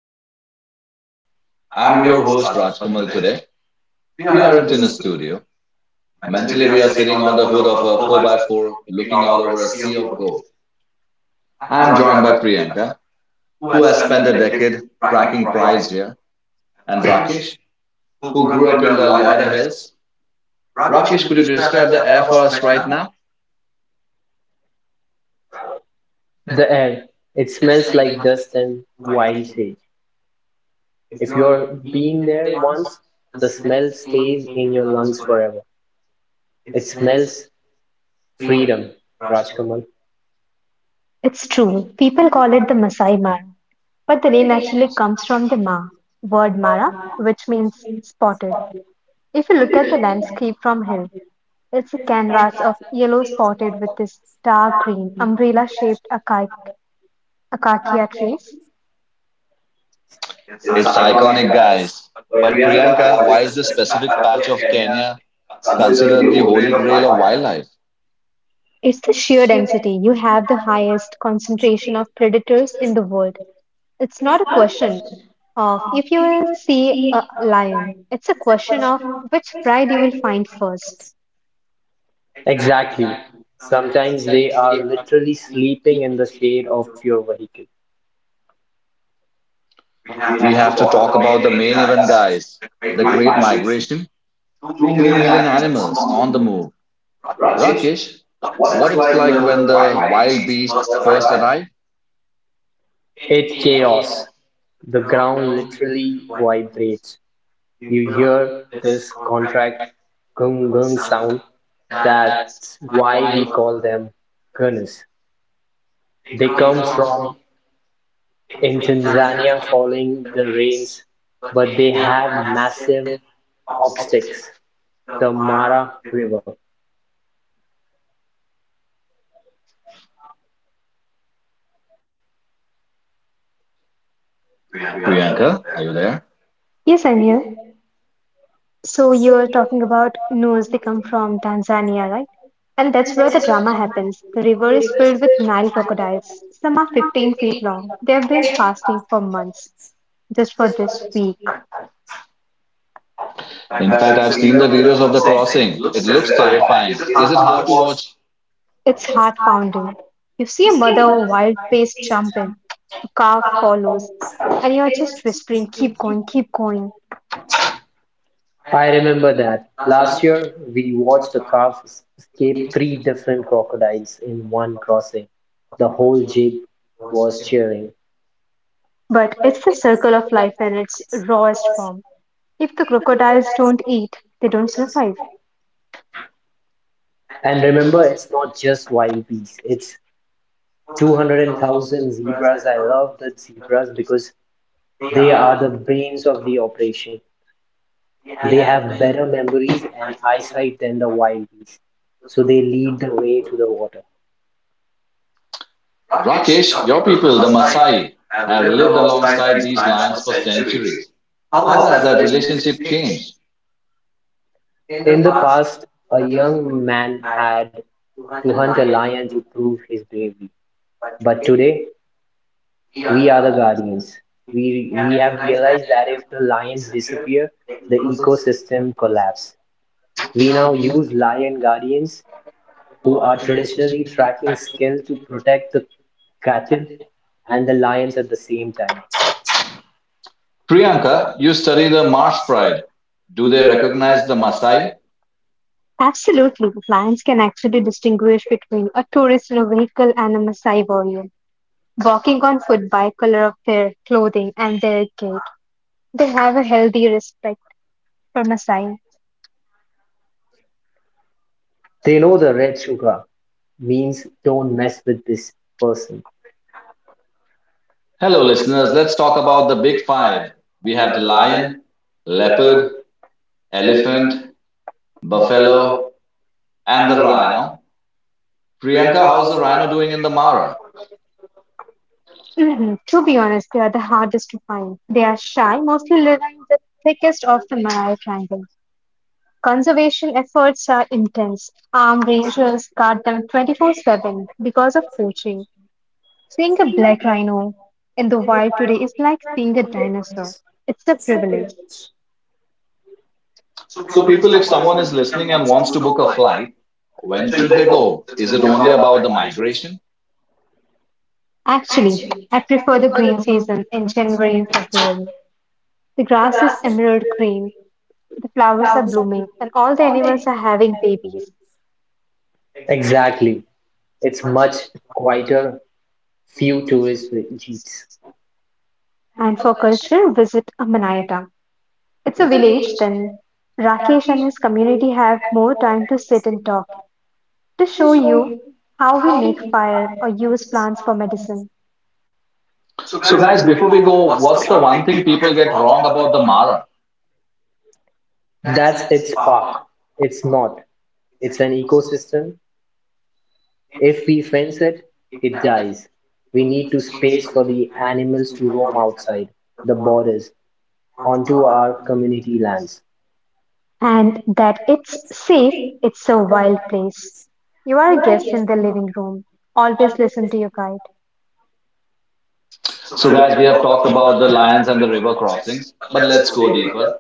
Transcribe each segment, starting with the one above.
to the Global Drone. I'm I'm your your host, host, Raj. Ryan. Today, we We aren't are in a in studio. Mentally, we are Jalebia's sitting on the hood of a 4 by 4 looking out over a sea of gold. I'm I'm joined John, by Priyanka, who who has has spent spent a decade tracking prides here, and and Rakesh, Rakesh, who who grew grew up up in in the the Lloyd Loida Hills. Hills. Rakesh, Rakesh, could could you you describe describe the the air air for for us us right right now? now? The air. It smells like dust and wild sage. If you're been there once, the smell stays in your lungs forever. It smells freedom, Rajkamal. It's true, people call it the Masai Mara, but the name actually comes from the Ma word Mara, which means spotted. If you look at the landscape from hill, it's a canvas of yellow spotted with this dark green umbrella-shaped acacia trees. It is It's iconic iconic, as. guys. But But Priyanka, Priyanka, why why is the is this specific specific patch of patch of Kenya Kenya considered considered the the holy holy grail grail of of wildlife? wildlife? It's the sheer density. You have the highest concentration of predators in the world. It's not a question of if you will see a lion. It's a question of which pride you will find first. Exactly. Sometimes they are literally sleeping in the shade of your vehicle. We We have to have to talk talk about the about main the main event event, that is guys, the the Great Great Migration. Migration. Two Two million million animals animals on the on the move. move. Rakesh, Rakesh, what what it's it's like like when when the the wild wild beasts first first arrived? arrive? It chaos. The ground literally vibrates. You hear this contract gung gung sound. That's why we call them gunners. They come from in Tanzania following the rains, but they have massive obstacles. The Mara River. Priyanka. Priyanka, are you there? Yes, I'm here. So you're talking about Nuers, they come from Tanzania, right? And that's where the drama happens. The river is filled with Nile crocodiles. Some are 15 feet long. They have been fasting for months, just for this week. In In fact, fact, I've I've seen the seen the videos videos of of. the crossing. It looks terrifying. Is it Is it hard hard to to watch watch? It's heart pounding. You see a mother wild beast jump in, a calf follows, and you're just whispering, keep going, keep going. I remember that. Last year, we watched a calf escape three different crocodiles in one crossing. The whole jeep was cheering. But it's the circle of life in its rawest form. If the crocodiles don't eat, they don't survive. And remember, it's not just wild beasts, it's 200,000 zebras. I love the zebras because they are the brains of the operation. They have better memories and eyesight than the wild beasts, so they lead the way to the water. Rakesh, your people, the Maasai, have lived alongside Alongside these these lions lions for for centuries. centuries. How How has has that that relationship relationship changed? changed? In the past, a young man had to hunt a lion to prove his bravery. But today, we are the guardians. We have realized that if the lions disappear, the ecosystem collapses. We now use lion guardians who are traditionally tracking skills to protect the cattle and the lions at the same time. Priyanka, Ranga, you study the the marsh Maasai? pride. Do Do they they recognize recognize the the Maasai? Maasai? Absolutely, lions can actually distinguish between a tourist in a vehicle and a Maasai warrior, walking on foot by color of their clothing and their gait. They have a healthy respect for Maasai. They know the red sugar means don't mess with this person. Hello, Hello, listeners. Let's talk about the about the big big five. five We have the lion, lion, leopard, leopard, elephant, buffalo, buffalo, and and the the rhino. rhino. Priyanka, Priyanka, how's how's the the rhino rhino doing doing in the in the Mara? Mara? Mhm. To be honest, they are the hardest to find. They are shy, mostly living in the thickest of the Malaya Triangle. Conservation efforts are intense. Armed rangers guard them 24/7 because of poaching. Seeing a black rhino in the wild today is like seeing a dinosaur. It's a privilege. So, So, people, people, if if someone someone is is listening listening and and wants wants to to book book a a flight, flight, when when should should they they go? go? Is Is it it only only about the migration? Actually, I prefer the green season in January and February. The grass is emerald green, the flowers are blooming, and all the animals are having babies. Exactly. It's much quieter, few tourist jeeps. And for culture, visit Manayata. It's a village, then Rakesh and his community have more time to sit and talk to show you how we make fire or use plants for medicine. So, So guys, guys, before before we we go, go, what's what's the the one one thing thing people people get get wrong wrong about the about the Mara? Mara? That's its park. It's not. It's an ecosystem. If we fence it, it dies. We need to space for the animals to roam outside the borders onto our community lands. And that it's safe, it's a wild place. You are a guest in the living room. Always listen to your guide. So, So guys, guys, we we have have talked talked about about the lions and the river crossings, but the let's go deeper. river.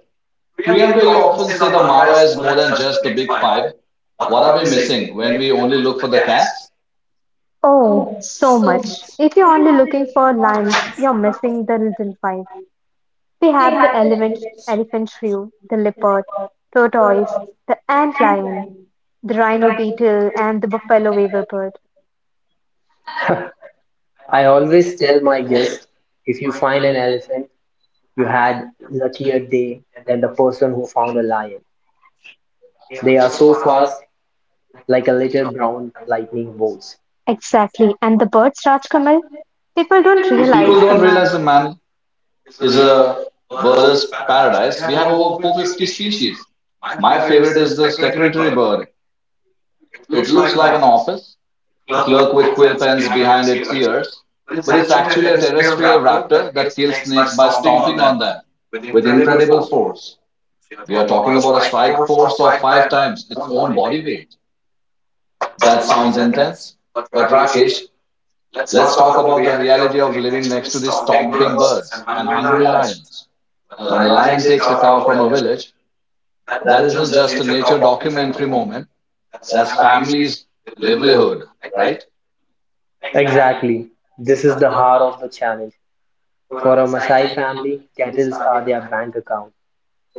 Priyanka, you often say the Mara is more than just the big five. What What are are we the mysteries missing when we we only only look look for for the the cats? cats? Oh, so much. If you're only looking for lions, you're missing the little five. We have the elephant shrew, the leopard, tortoise, the ant lion, the rhino beetle, and the buffalo weaver bird. I always tell my guests if you find an elephant, you had luckier day than the person who found a lion. They are so fast, like a little brown lightning bolts. Exactly. And the birds, Rajkamal, people don't People realize the don't matter. realize the man is Is a a bird's bird's paradise. paradise. We We have have over over 450 450 species. species. My My favorite favorite is is the the secretary secretary bird. bird. It It looks looks like like an a office clerk with quill pens behind its ears, but it's actually a terrestrial raptor raptor that kills snakes by stomping on on them that. with It's incredible incredible. force. We We are are talking talking about a strike force of for five five times times its its own own body body weight. weight. That sounds That's intense, but Rakesh, let's Let's talk talk about the about reality of the living next next to these is stomping stomping birds birds and and hungry hungry lions. lions. When When a a lion lion takes takes a a cow cow, from a village, that that isn't just a nature documentary moment, that's that's family, family's livelihood, right? right? Exactly. This is the heart of the challenge. For a Maasai family, cattle are their bank account.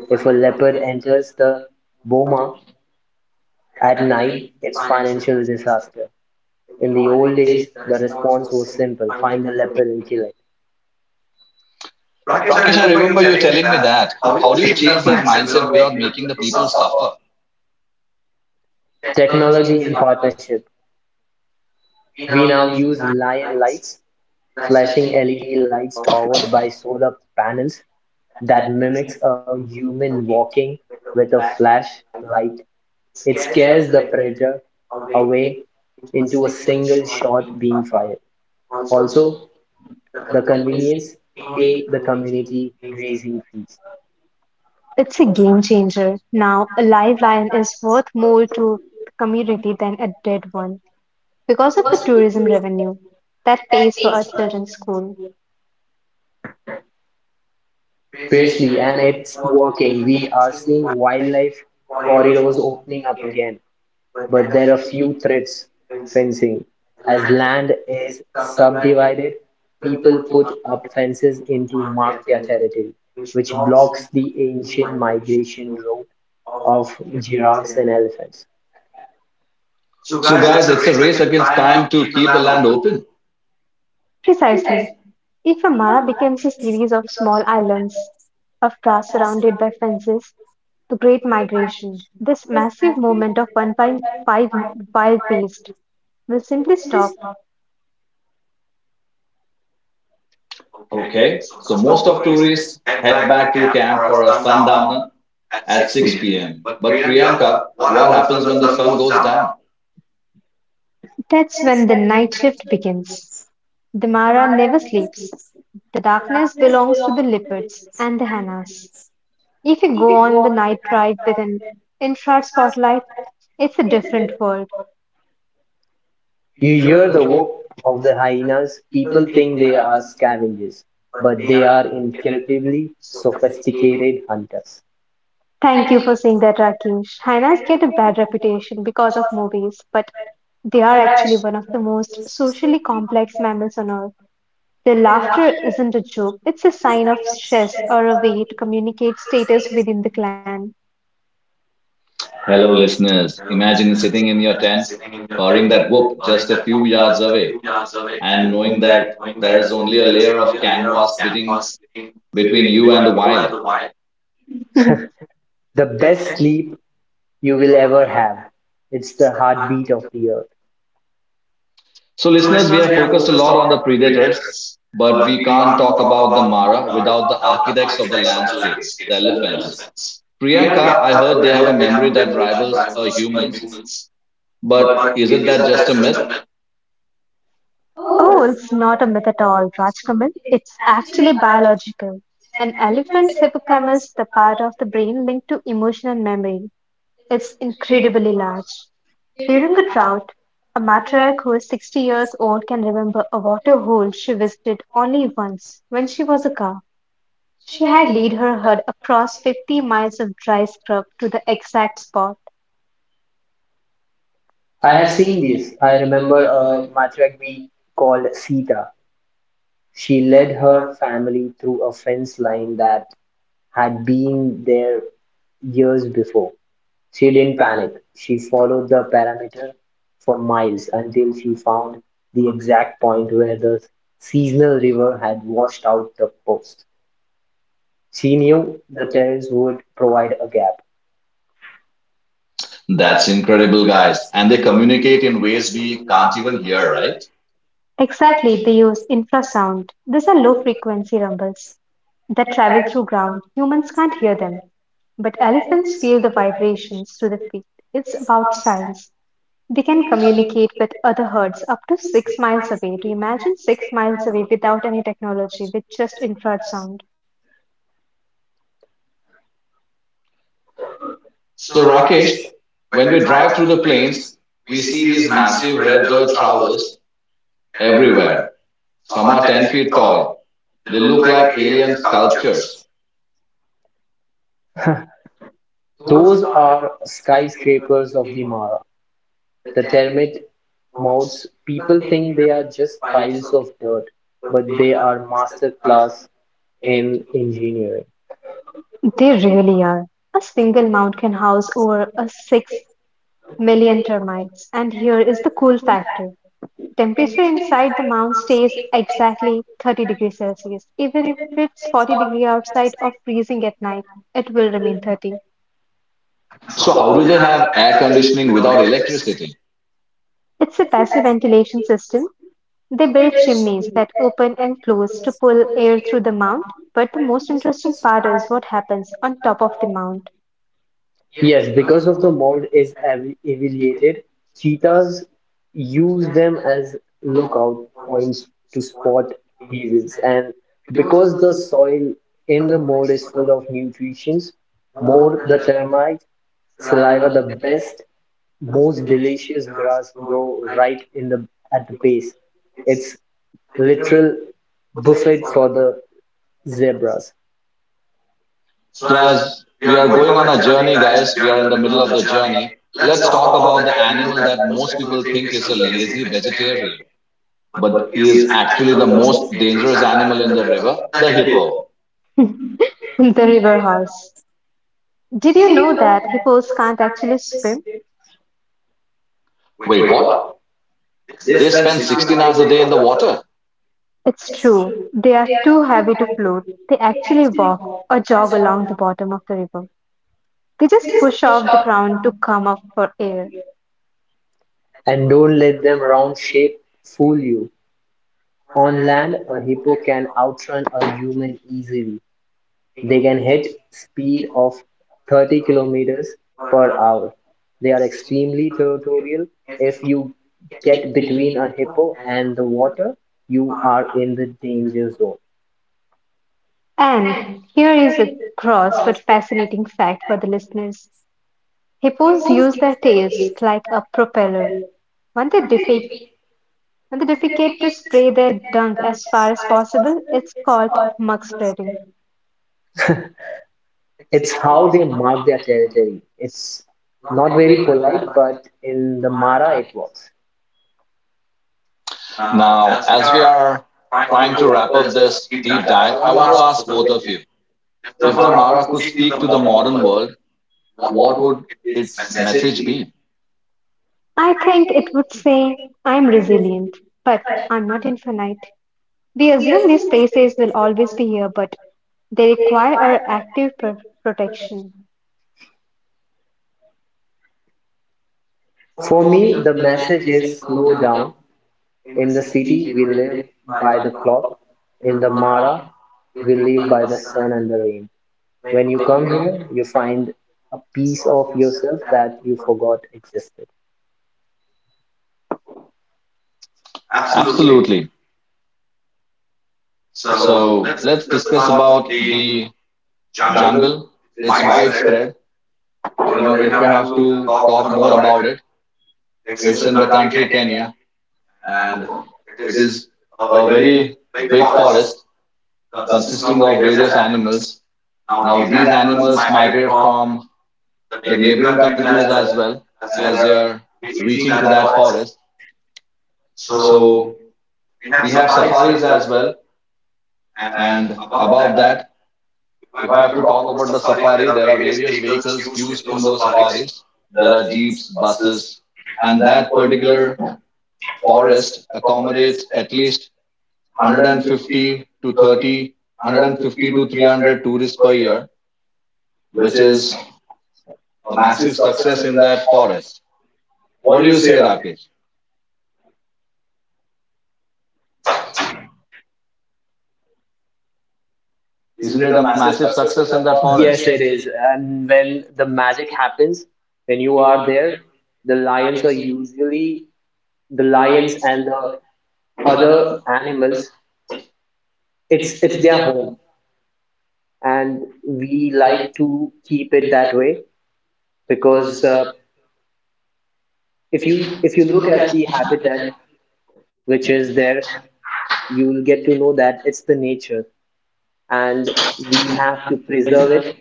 If a leopard enters the boma at night, it's financial disaster. In the old days, the response was simple: find the leopard and kill it. Rakesh, Companies I are doing it remember you telling me that. How do you change that mindset without Without making making the the people people suffer? suffer. Technology and partnership. We now use lion lights, flashing LED lights powered by solar panels that mimics a human walking with a flashlight. It scares the predator away into a single shot being fired. Also, the convenience pay the community grazing fees. It's a game changer. Now, a live lion is worth more to the community than a dead one because of the tourism revenue that pays for our children's school. Seriously, and it's working. We are seeing wildlife corridors opening up again. But there are few threats fencing. As land is subdivided, people put up fences into mark their territory, which blocks the ancient migration route of giraffes and elephants. So, guys, it's a race against time to keep the land open. Precisely. If a mara becomes a series of small islands of grass surrounded by fences, the Great Migration, this massive movement of 1.5 wild beasts, will simply stop. Okay, so most of tourists head back to camp for a sundowner at 6 p.m. But Priyanka, what happens when the sun goes down? That's when the night shift begins. The mara never sleeps. The darkness belongs to the leopards and the hyenas. If you go on the night drive with an infrared spotlight, it's a different world. You hear the whoop of the hyenas, people think they are scavengers, but they are incredibly sophisticated hunters. Thank you for saying that, Rakesh. Hyenas get a bad reputation because of movies, but they are actually one of the most socially complex mammals on Earth. Their laughter isn't a joke, it's a sign of stress or a way to communicate status within the clan. Hello, Hello, listeners. listeners. Imagine sitting in your tent, hearing that whoop just a few We are yards away, and knowing saying that that there there is is only only a a layer layer of of canvas canvas sitting between between you you and the and the wild. wild. The best sleep you will ever have. It's the heartbeat of the earth. So, So, listeners, we listeners have I focused a focus a lot lot on the on the predators, predators, but but we we can't can't talk about the Mara without the architects of the the landscape, landscape. the elephants. Priyanka, Priyanka, I heard they have a memory that rivals humans, but but isn't that just a myth? Oh, it's not a myth at all, Rajkamal. It's actually biological. An elephant's hippocampus, the part of the brain linked to emotion and memory, it's incredibly large. During a drought, a matriarch who is 60 years old can remember a waterhole she visited only once, when she was a cow. She had lead her herd across 50 miles of dry scrub to the exact spot. I have seen this. I remember a matriarch called Sita. She led her family through a fence line that had been there years before. She didn't panic. She followed the parameter for miles until she found the exact point where the seasonal river had washed out the post. She knew the terrace would provide a gap. That's That's in incredible, life. guys. And they It communicate in is ways immensely we can't even tangible hear, here, right? right? Exactly, they use infrasound. These are low-frequency rumbles that travel through ground. Humans can't hear them, but elephants feel the vibrations through the feet. It's about science. They can communicate with other herds up to 6 miles away. Do you imagine 6 miles away without any technology, with just infrared sound? So, So Rakesh Rakesh, when we drive through the plains, is we see these serious massive red dirt numbers towers everywhere. everywhere. Some are 10 feet It tall. all. They look Look like like alien sculptures. Those are skyscrapers of the Mara, the termite mounds. People think they are just piles of dirt, but they are masterclass in engineering. They really are. A single mound can house over a 6 million termites. And here is the cool factor. Temperature inside the mound stays exactly 30 degrees Celsius. Even if it's 40 degrees outside or freezing at night, it will remain 30. So, how do So they have air conditioning without electricity? It's a passive ventilation system. They build chimneys that open and close to pull air through the mound, but the most interesting part is what happens on top of the mound. yes, because of the mold is aviated, cheetahs use them as lookout points to spot gazelles. And because the soil in the mold is full of nutrients, more the termites, saliva, the best, most delicious grass grow right in the at the base. It's literal buffet for the zebras. So, So, as we are going on a journey, guys, we are in the middle of the journey. Let's talk about the all animal that most people think is a lazy vegetarian, of but that is is actually the most dangerous animal in the river, the hippo. The river horse. Did you know that hippos can't actually swim? Wait, Wait, what? what? They They spend spend six. 16 hours a day in the water. It's true. They are too heavy to float. They actually walk or jog along the bottom of the river. They just push off the ground to come up for air. And don't let them round shape fool you. On land, a hippo can outrun a human easily. They can hit speed of 30 kilometers per hour. They are extremely territorial. If you get between a hippo and the water, you are in the danger zone. And here is a gross but fascinating fact for the listeners. Hippos use their tails like a propeller. When they defecate, and they defecate to spray their dung as far as possible, it's called mug spreading. It's how they mark their territory. It's not very polite, but in the Mara it works. Now, Now, as we are trying trying to You to wrap up this deep want dive, I want to ask to both of you, if the Mara could speak to the modern world, what what would would its its message message be? be? I think it would say, I'm resilient, but I'm not infinite. We assume these places will always be here, but they require our active protection. For me, the message is slow down. In the city, we live by the clock. In the Mara, we live by the sun and the rain. When you come here, you find a piece of yourself that you forgot existed. Absolutely. Absolutely. So So the let's discuss about the jungle jungle. is It's widespread. widespread. You You know, know, if if it we have happens, to talk more about it, it's it's in in the the country country Kenya, and and it it's is a a very very big big forest consisting consisting of of various animals. Now Now, these these animals, animals migrate from the the neighboring neighboring countries countries as as well, well as as they they are are reaching reaching to to that that forest. forest. So So we we have have safaris safaris as as well. well. And And above above that, that, if if I I have have to to talk talk about about the the safari, safari, there there are are various various vehicles vehicles used used in in those those safaris. safaris. There There are are jeeps, forests, buses, and and that that particular forest forest accommodates at least 150 to 30, 150 to 300 tourists per year, with which is a a massive massive success in that forest. What do forest you say, Rakesh? Isn't Isn't it it a a massive massive success success at in that that point? forest? Yes, it is. And when the magic happens, when you are there, the lions are usually the lions and the other animals. It's their home, and we like to keep it that way because if you look at the habitat which is there, you will get to know that it's the nature, and we have to preserve it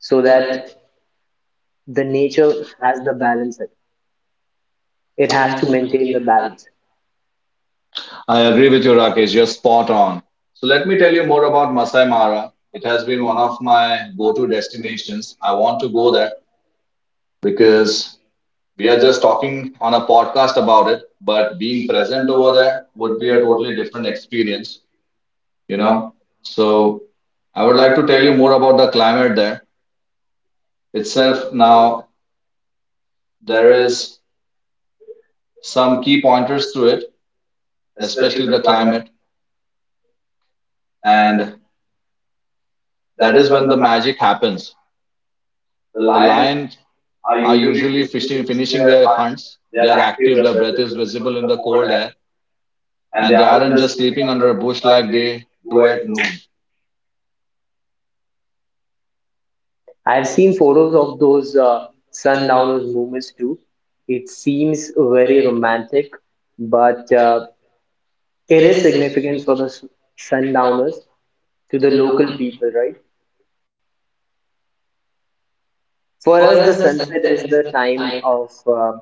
so that the nature has the balance It has to maintain the balance. I I agree agree with with you, you, Rakesh. Rakesh. You're Just spot spot on. on. So Let let me me tell tell you you more more about about Masai Mara. It has been being one one of of my my go-to nations. destinations. I I want want to to go go there. there because We we are are just just talking talking on a on a podcast podcast about about it, it. but being present over there would be We a are totally totally, different experienced, experience. you you know. know. So So I I would would like like to to tell you more about the climate highlight there that itself itself. now Now, there there is is some some key key pointers pointers to to it, it, especially especially the the climate, climate, and and that that is is when when the the magic magic happens. happens. The The lights lions are are usually usually finishing their hunts. They are active, their breath is visible in the cold air, and and they they aren't aren't just just sleeping under a bush like they do at noon. I've seen photos of those sundowners movements too. It seems very romantic, but it is significant for the sundowners to the local people, right? For us, the sunset is the time of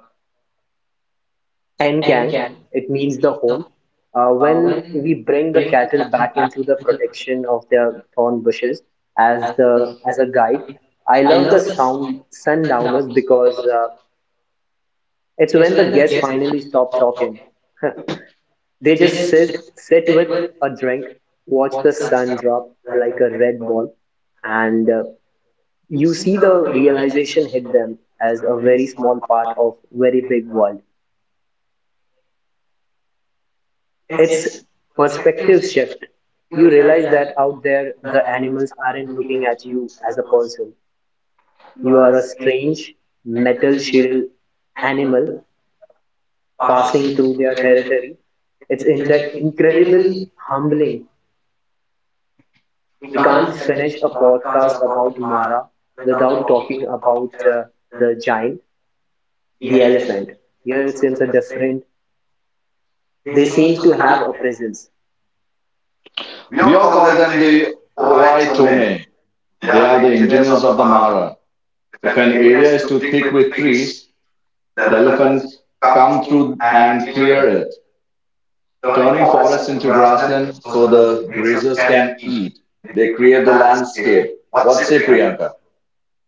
Nkang. It means the home. When we bring the cattle back into the protection of their thorn bushes as the as a guide, I love the sound sundowners because it's when the guests finally stop talking They just sit with a drink, watch the sun drop like a red ball, and you see the realization hit them as a very small part of very big world. It's perspective shift. You realize that out there, the animals aren't looking at you as a person. You are a strange metal shield animal passing through their territory. It's incredibly humbling We can't finish a podcast about Mara without talking about the giant, the elephant. Here it seems a different, they seems to have a presence. We We all all call call them them the the Oai overnight show Tome. They are the engineers of the Mara. If an area is too thick with trees, the elephants come through come and and clear it, turning join forests forest into grassland so so the the creatures grazers can can eat. They create hear the the landscape landscape. What say, reactor. Priyanka?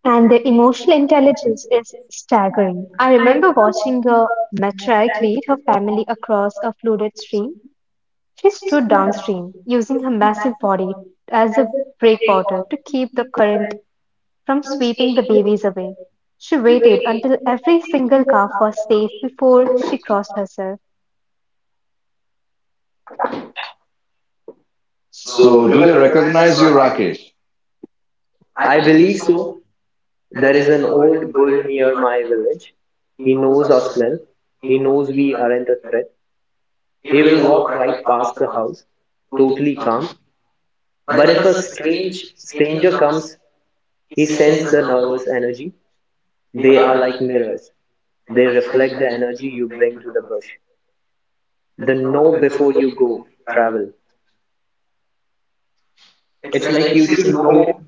And their emotional intelligence is staggering. I remember watching a matriarch lead her family across a flooded stream. She stood downstream, using her massive body as a breakwater to keep the current from sweeping the babies away. She waited until every single calf was safe before she crossed herself. So, So do they recognize you, Rakesh? I believe so. There is an old bull near my village. He knows our smell. He knows we aren't a threat. He will walk right past the house, totally calm. But if a strange stranger comes, he sends the nervous energy. They are like mirrors. They reflect the energy you bring to the bush. The know before you go travel. It's like you should know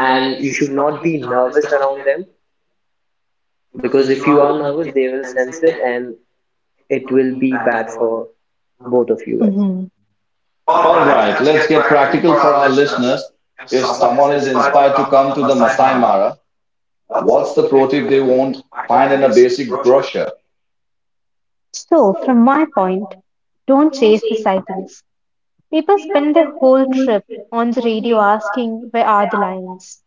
and you should not be nervous around them because if you are nervous, they will sense it and it will be bad for both of you guys. Mhm. All All right, right, let's let's get get practical for our listeners. practical. If If someone someone is is inspired to inspired to come come to to the the Masai Masai Mara, Mara, what's what's the the pro tip project? they won't find in a basic brochure? So, from my point, don't chase the sightings. People spend their whole trip on the radio asking, where are the lions?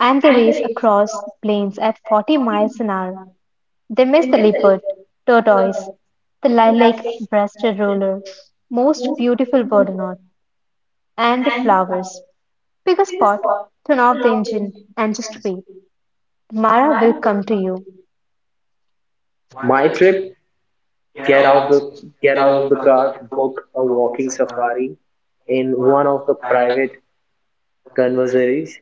And they race across plains at 40 miles an hour. They miss the leopard, tortoise, the lilac breasted roller, most beautiful bird on earth, and the flowers. Pick a spot, turn off the engine, and just wait. Mara will come to you. My trip: get out the get out of the car, book a walking safari in one of the private conversaries.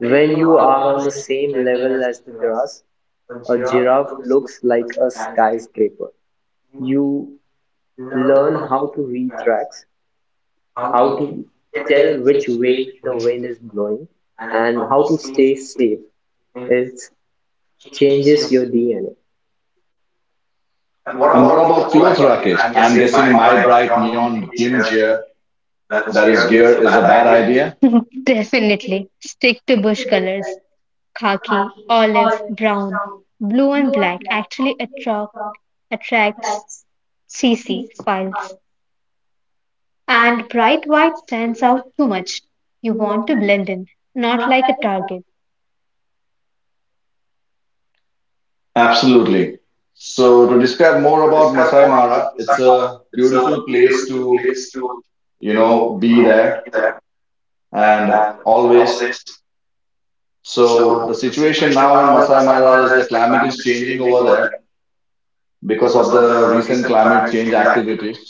When you are on the same level as the grass, a giraffe looks like a skyscraper. You learn how to read tracks, how to tell which way the wind is blowing, and how to stay safe. It changes your DNA. And And what what about about clothes, clothes, Rakesh? Rakesh? I'm I'm guessing guessing my my bright bright neon neon pink chair gimjir, that that is is gear, here is is a a bad bad idea. idea? Definitely. Stick to bush colors. Khaki, olive, brown, blue, and black attracts CC files. And bright white stands out too much. You want to blend in, not like a target. Absolutely. So So to describe more about it's Masai like a Mara, it's a beautiful beautiful place place to, to, you you know, know, be there and and always. always. So So the the situation situation now now in in Masai Masai Mara Mara is is the the climate climate is is changing changing over over there there because because of of the the recent recent climate climate change change activities. activities.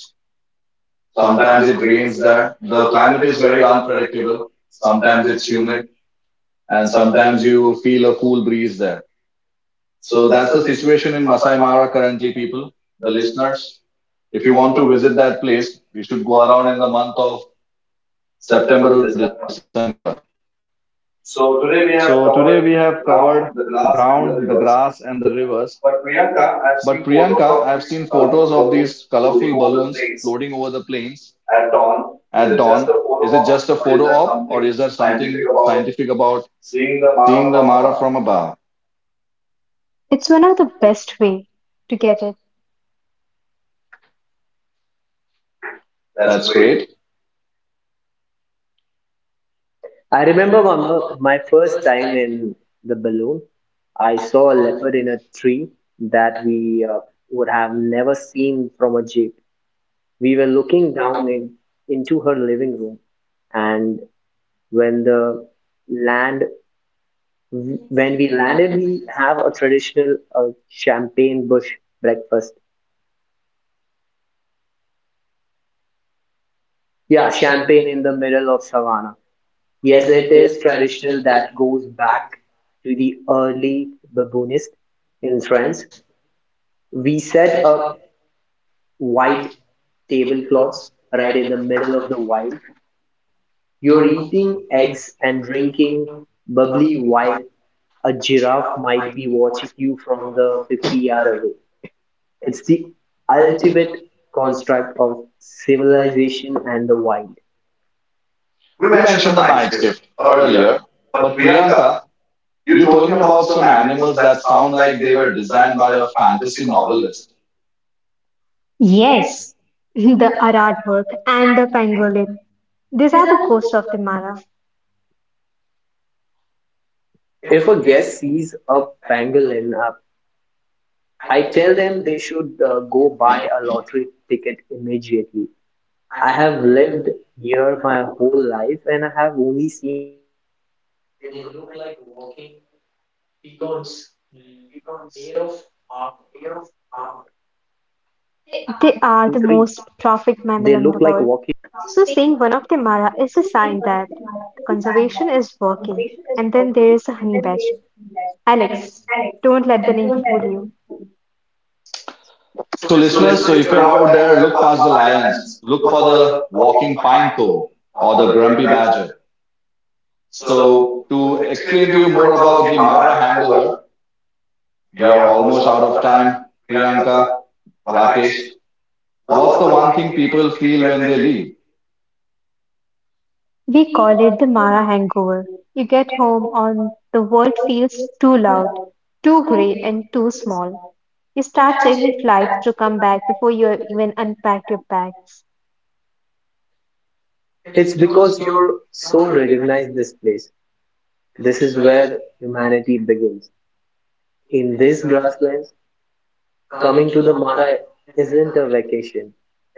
Sometimes Sometimes it it rains rains that there. the The climate climate is is very very unstable. unpredictable. Sometimes it's humid, And and so, sometimes you feel a cool breeze there. So so that's the situation in Masai Mara currently, people, the the listeners, listeners. if If you you want want to to, visit that place, you should go around in the month month of of September September to to December. December. So today we So have today we covered have the covered ground, the the glass, ground, and the the rivers. grass, and the rivers. But Priyanka, I've But seen photos Priyanka, of I've these seen photos colorful of balloons these colorful on the balloons lakes floating over the plains at dawn. Is it at just a dawn. photo Is it op, just a or is there photo op, something or is there scientific something about scientific about seeing the Mara from seeing the above? Mara from above? It's one of the best way to get it. That's great. That's great. I remember my, mo- My first time in the balloon. I saw a leopard in a tree that we would have never seen from a jeep. We were looking into her living room, and when the land when we landed, we have a traditional champagne bush breakfast. Yeah, champagne in the middle of savannah. Yes, it is traditional that goes back to the early baboonist in France. We set up white tablecloths right in the middle of the wild. You're eating eggs and drinking bubbly while a giraffe might be watching you from the 50 yard away. It's the ultimate construct of civilization and the wild. We We mentioned mentioned the night shift earlier, but Priyanka, the you told me about some animals that sound like they were designed by a fantasy novelist. Yes, the Arad work and the pangolin. These are the ghosts of the Mara. If a guest sees a pangolin up I tell them they should go buy a lottery ticket immediately. I have lived here my whole life and I have only seen three. They look like walking pecans made of armor. They are the most trafficked mammal in the world. So seeing one of the Mara is a sign that conservation is working. And then there is a honey badger. Alex, don't let the name fool you. So, So, listeners, listeners, so so if if you're you're out out there, there, look look past past the the lions, lions, look look for for the the walking walking pine pine cone cone or the or the grumpy grumpy badger. badger. So, So, to explain to you explain more more about the about the Mara Mara hangover, hangover. we are almost out Out of of time, time. Priyanka, Priyanka, Rakesh, what's the what's the one one thing thing. people feel when they leave? We call it the Mara hangover. You get home and the world feels too loud, too grey and too small. You start checking flights to come back before you even unpack your bags. It's because your soul recognized this place. This is where humanity begins. In these grasslands, coming to the Mara isn't a vacation,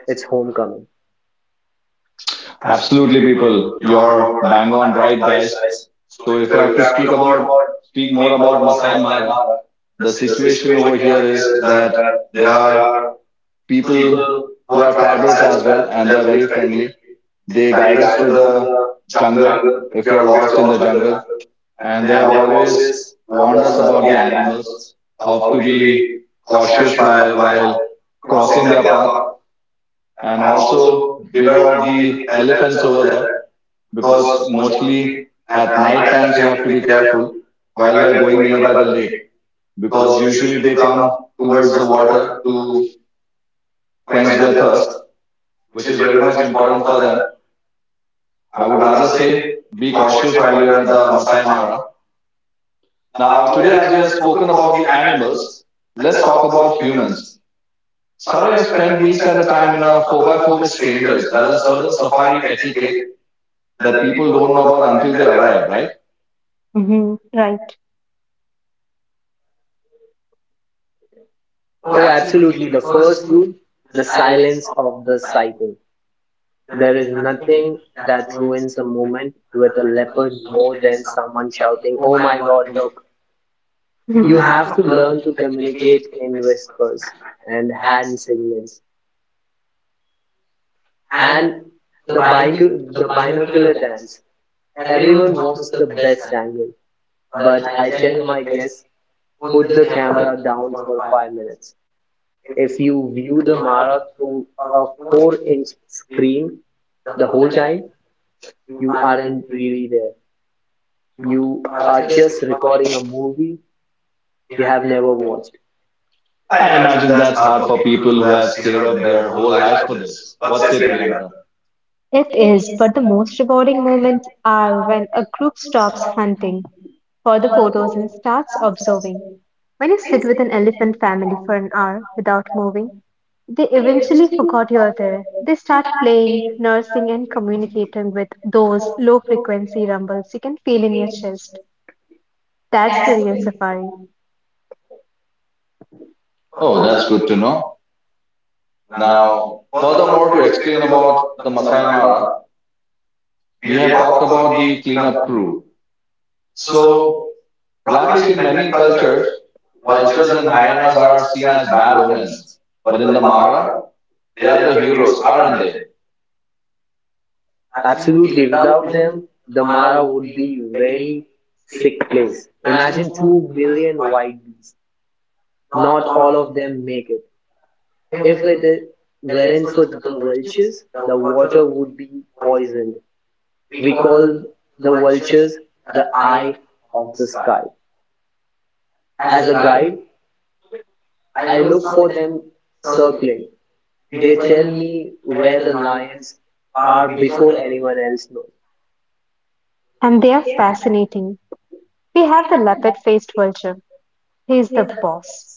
it's homecoming. Absolutely, Absolutely, people, because you're you're bang on right, right, guys. guys. So if I So have if I to have to speak about speak more more about about Masai Masai Mara, Mara, the the situation over situation here is here is that that there there are are people people, who are who tribals tribal, as well, and they are very friendly. They they guide us guide through us to the the jungle jungle. if we are We are lost in the lost. jungle, and they have And they have always always warned us warned us about the about the animals, animals, how to how to be be cautious cautious by by while while crossing crossing their their path. path, And and also also beware of the elephants over so there, that because because mostly at night times you have to be careful while we are going nearby the lake, because because you usually they come come towards the water to to quench quench their the thirst, thirst, which which is is very very much important important for for them. them. I would rather say be cautious while you're at the Masai Mara. Now, Now, today, talking as we have spoken about about the the animals, animals. let's Let's talk talk about about humans. humans. Sorry, Sunny I've has spent spent weeks at a time in time in a our 4x4 with strangers. forest. There's a That is the certain safari etiquette that people don't know about until they arrive, right, right? right? Hmm, right. Oh, absolutely. The first rule, the silence of the sighting. There is nothing that ruins a moment with a leopard more than someone shouting, "Oh my God, look." Mhm. You have to learn to communicate in whispers and hand signals and the binocular dance. Everyone wants the best angle, but I tell my guests, put the camera down for 5 minutes. If you view the Mara through a four-inch screen the whole time, you aren't really there. You are just recording a movie you have never watched. I I imagine imagine that's that's hard not for for people who people who have have stayed stayed up up their their whole whole lives for life for this. this. What say, What's it, Priyanka? Rihanna? It is, but the most rewarding moments are when a group stops hunting for the photos and starts observing. When you sit with an elephant family for an hour without moving, they eventually forgot you're there. They start playing, nursing, and communicating with those low frequency rumbles you can feel in your chest. That's the real safari, Oh, Oh, that's that's good to good. know. Now, Now, furthermore, to furthermore, to explain explain about about the Masai Mara, Mara. we have talked about the cleanup crew. So, So, Rakesh, in many culture, cultures, vultures vultures and and hyenas are seen as bad bad omens. omens, But in the the Mara, Mara, they are the heroes, heroes, aren't aren't they? they? Absolutely. Without them, the Mara would be very sick place. Imagine 2 million white bees. Not all of them make it. If it I- weren't for the vultures, the water would be poisoned. We call the vultures the eye of the sky. As a guide, I look for them circling. They tell me where the lions are before anyone else knows. and they are fascinating. We have the leopard faced vulture. He is the boss.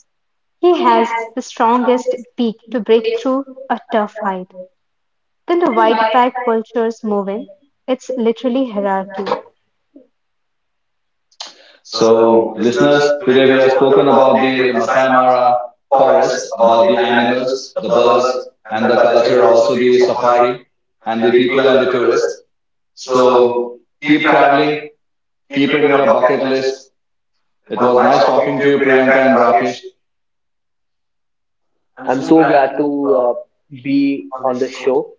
He has the strongest beak to break through a tough hide. Then the white backed vultures move in. It's literally hierarchy. So, So, listeners, listeners, today we have spoken about the Masai Mara Amara forest, forest about about the the animals, animals, the the birds, birds, and the the culture, culture, also the safari, and the people and the tourists. tourists. So, So keep keep traveling, traveling, keep keep it in it in your your bucket list. list. It was nice Nice talking to you, Priyanka and Rakesh. I'm so glad to uh, be on this show.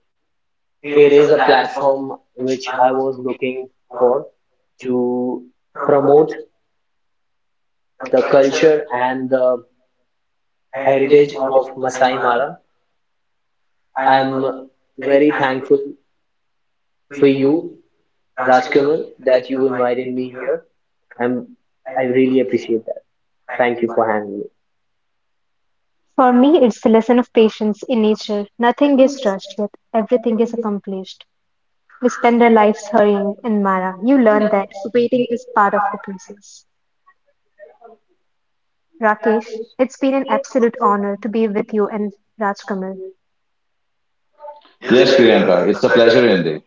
It is a platform which I was looking for to promote the culture and the heritage of Masai Mara. I'm very thankful for you Rajkamal, that you invited me here. I'm, I really appreciate that. Thank you for having me. For me, it's the lesson of patience in nature. Nothing is rushed, yet everything is accomplished. We spend our lives hurrying, and Mara, you learn that waiting is part of the process. Rakesh, it's been an absolute honor to be with you and Rajkamal. Yes, Priyanka, it's a pleasure indeed.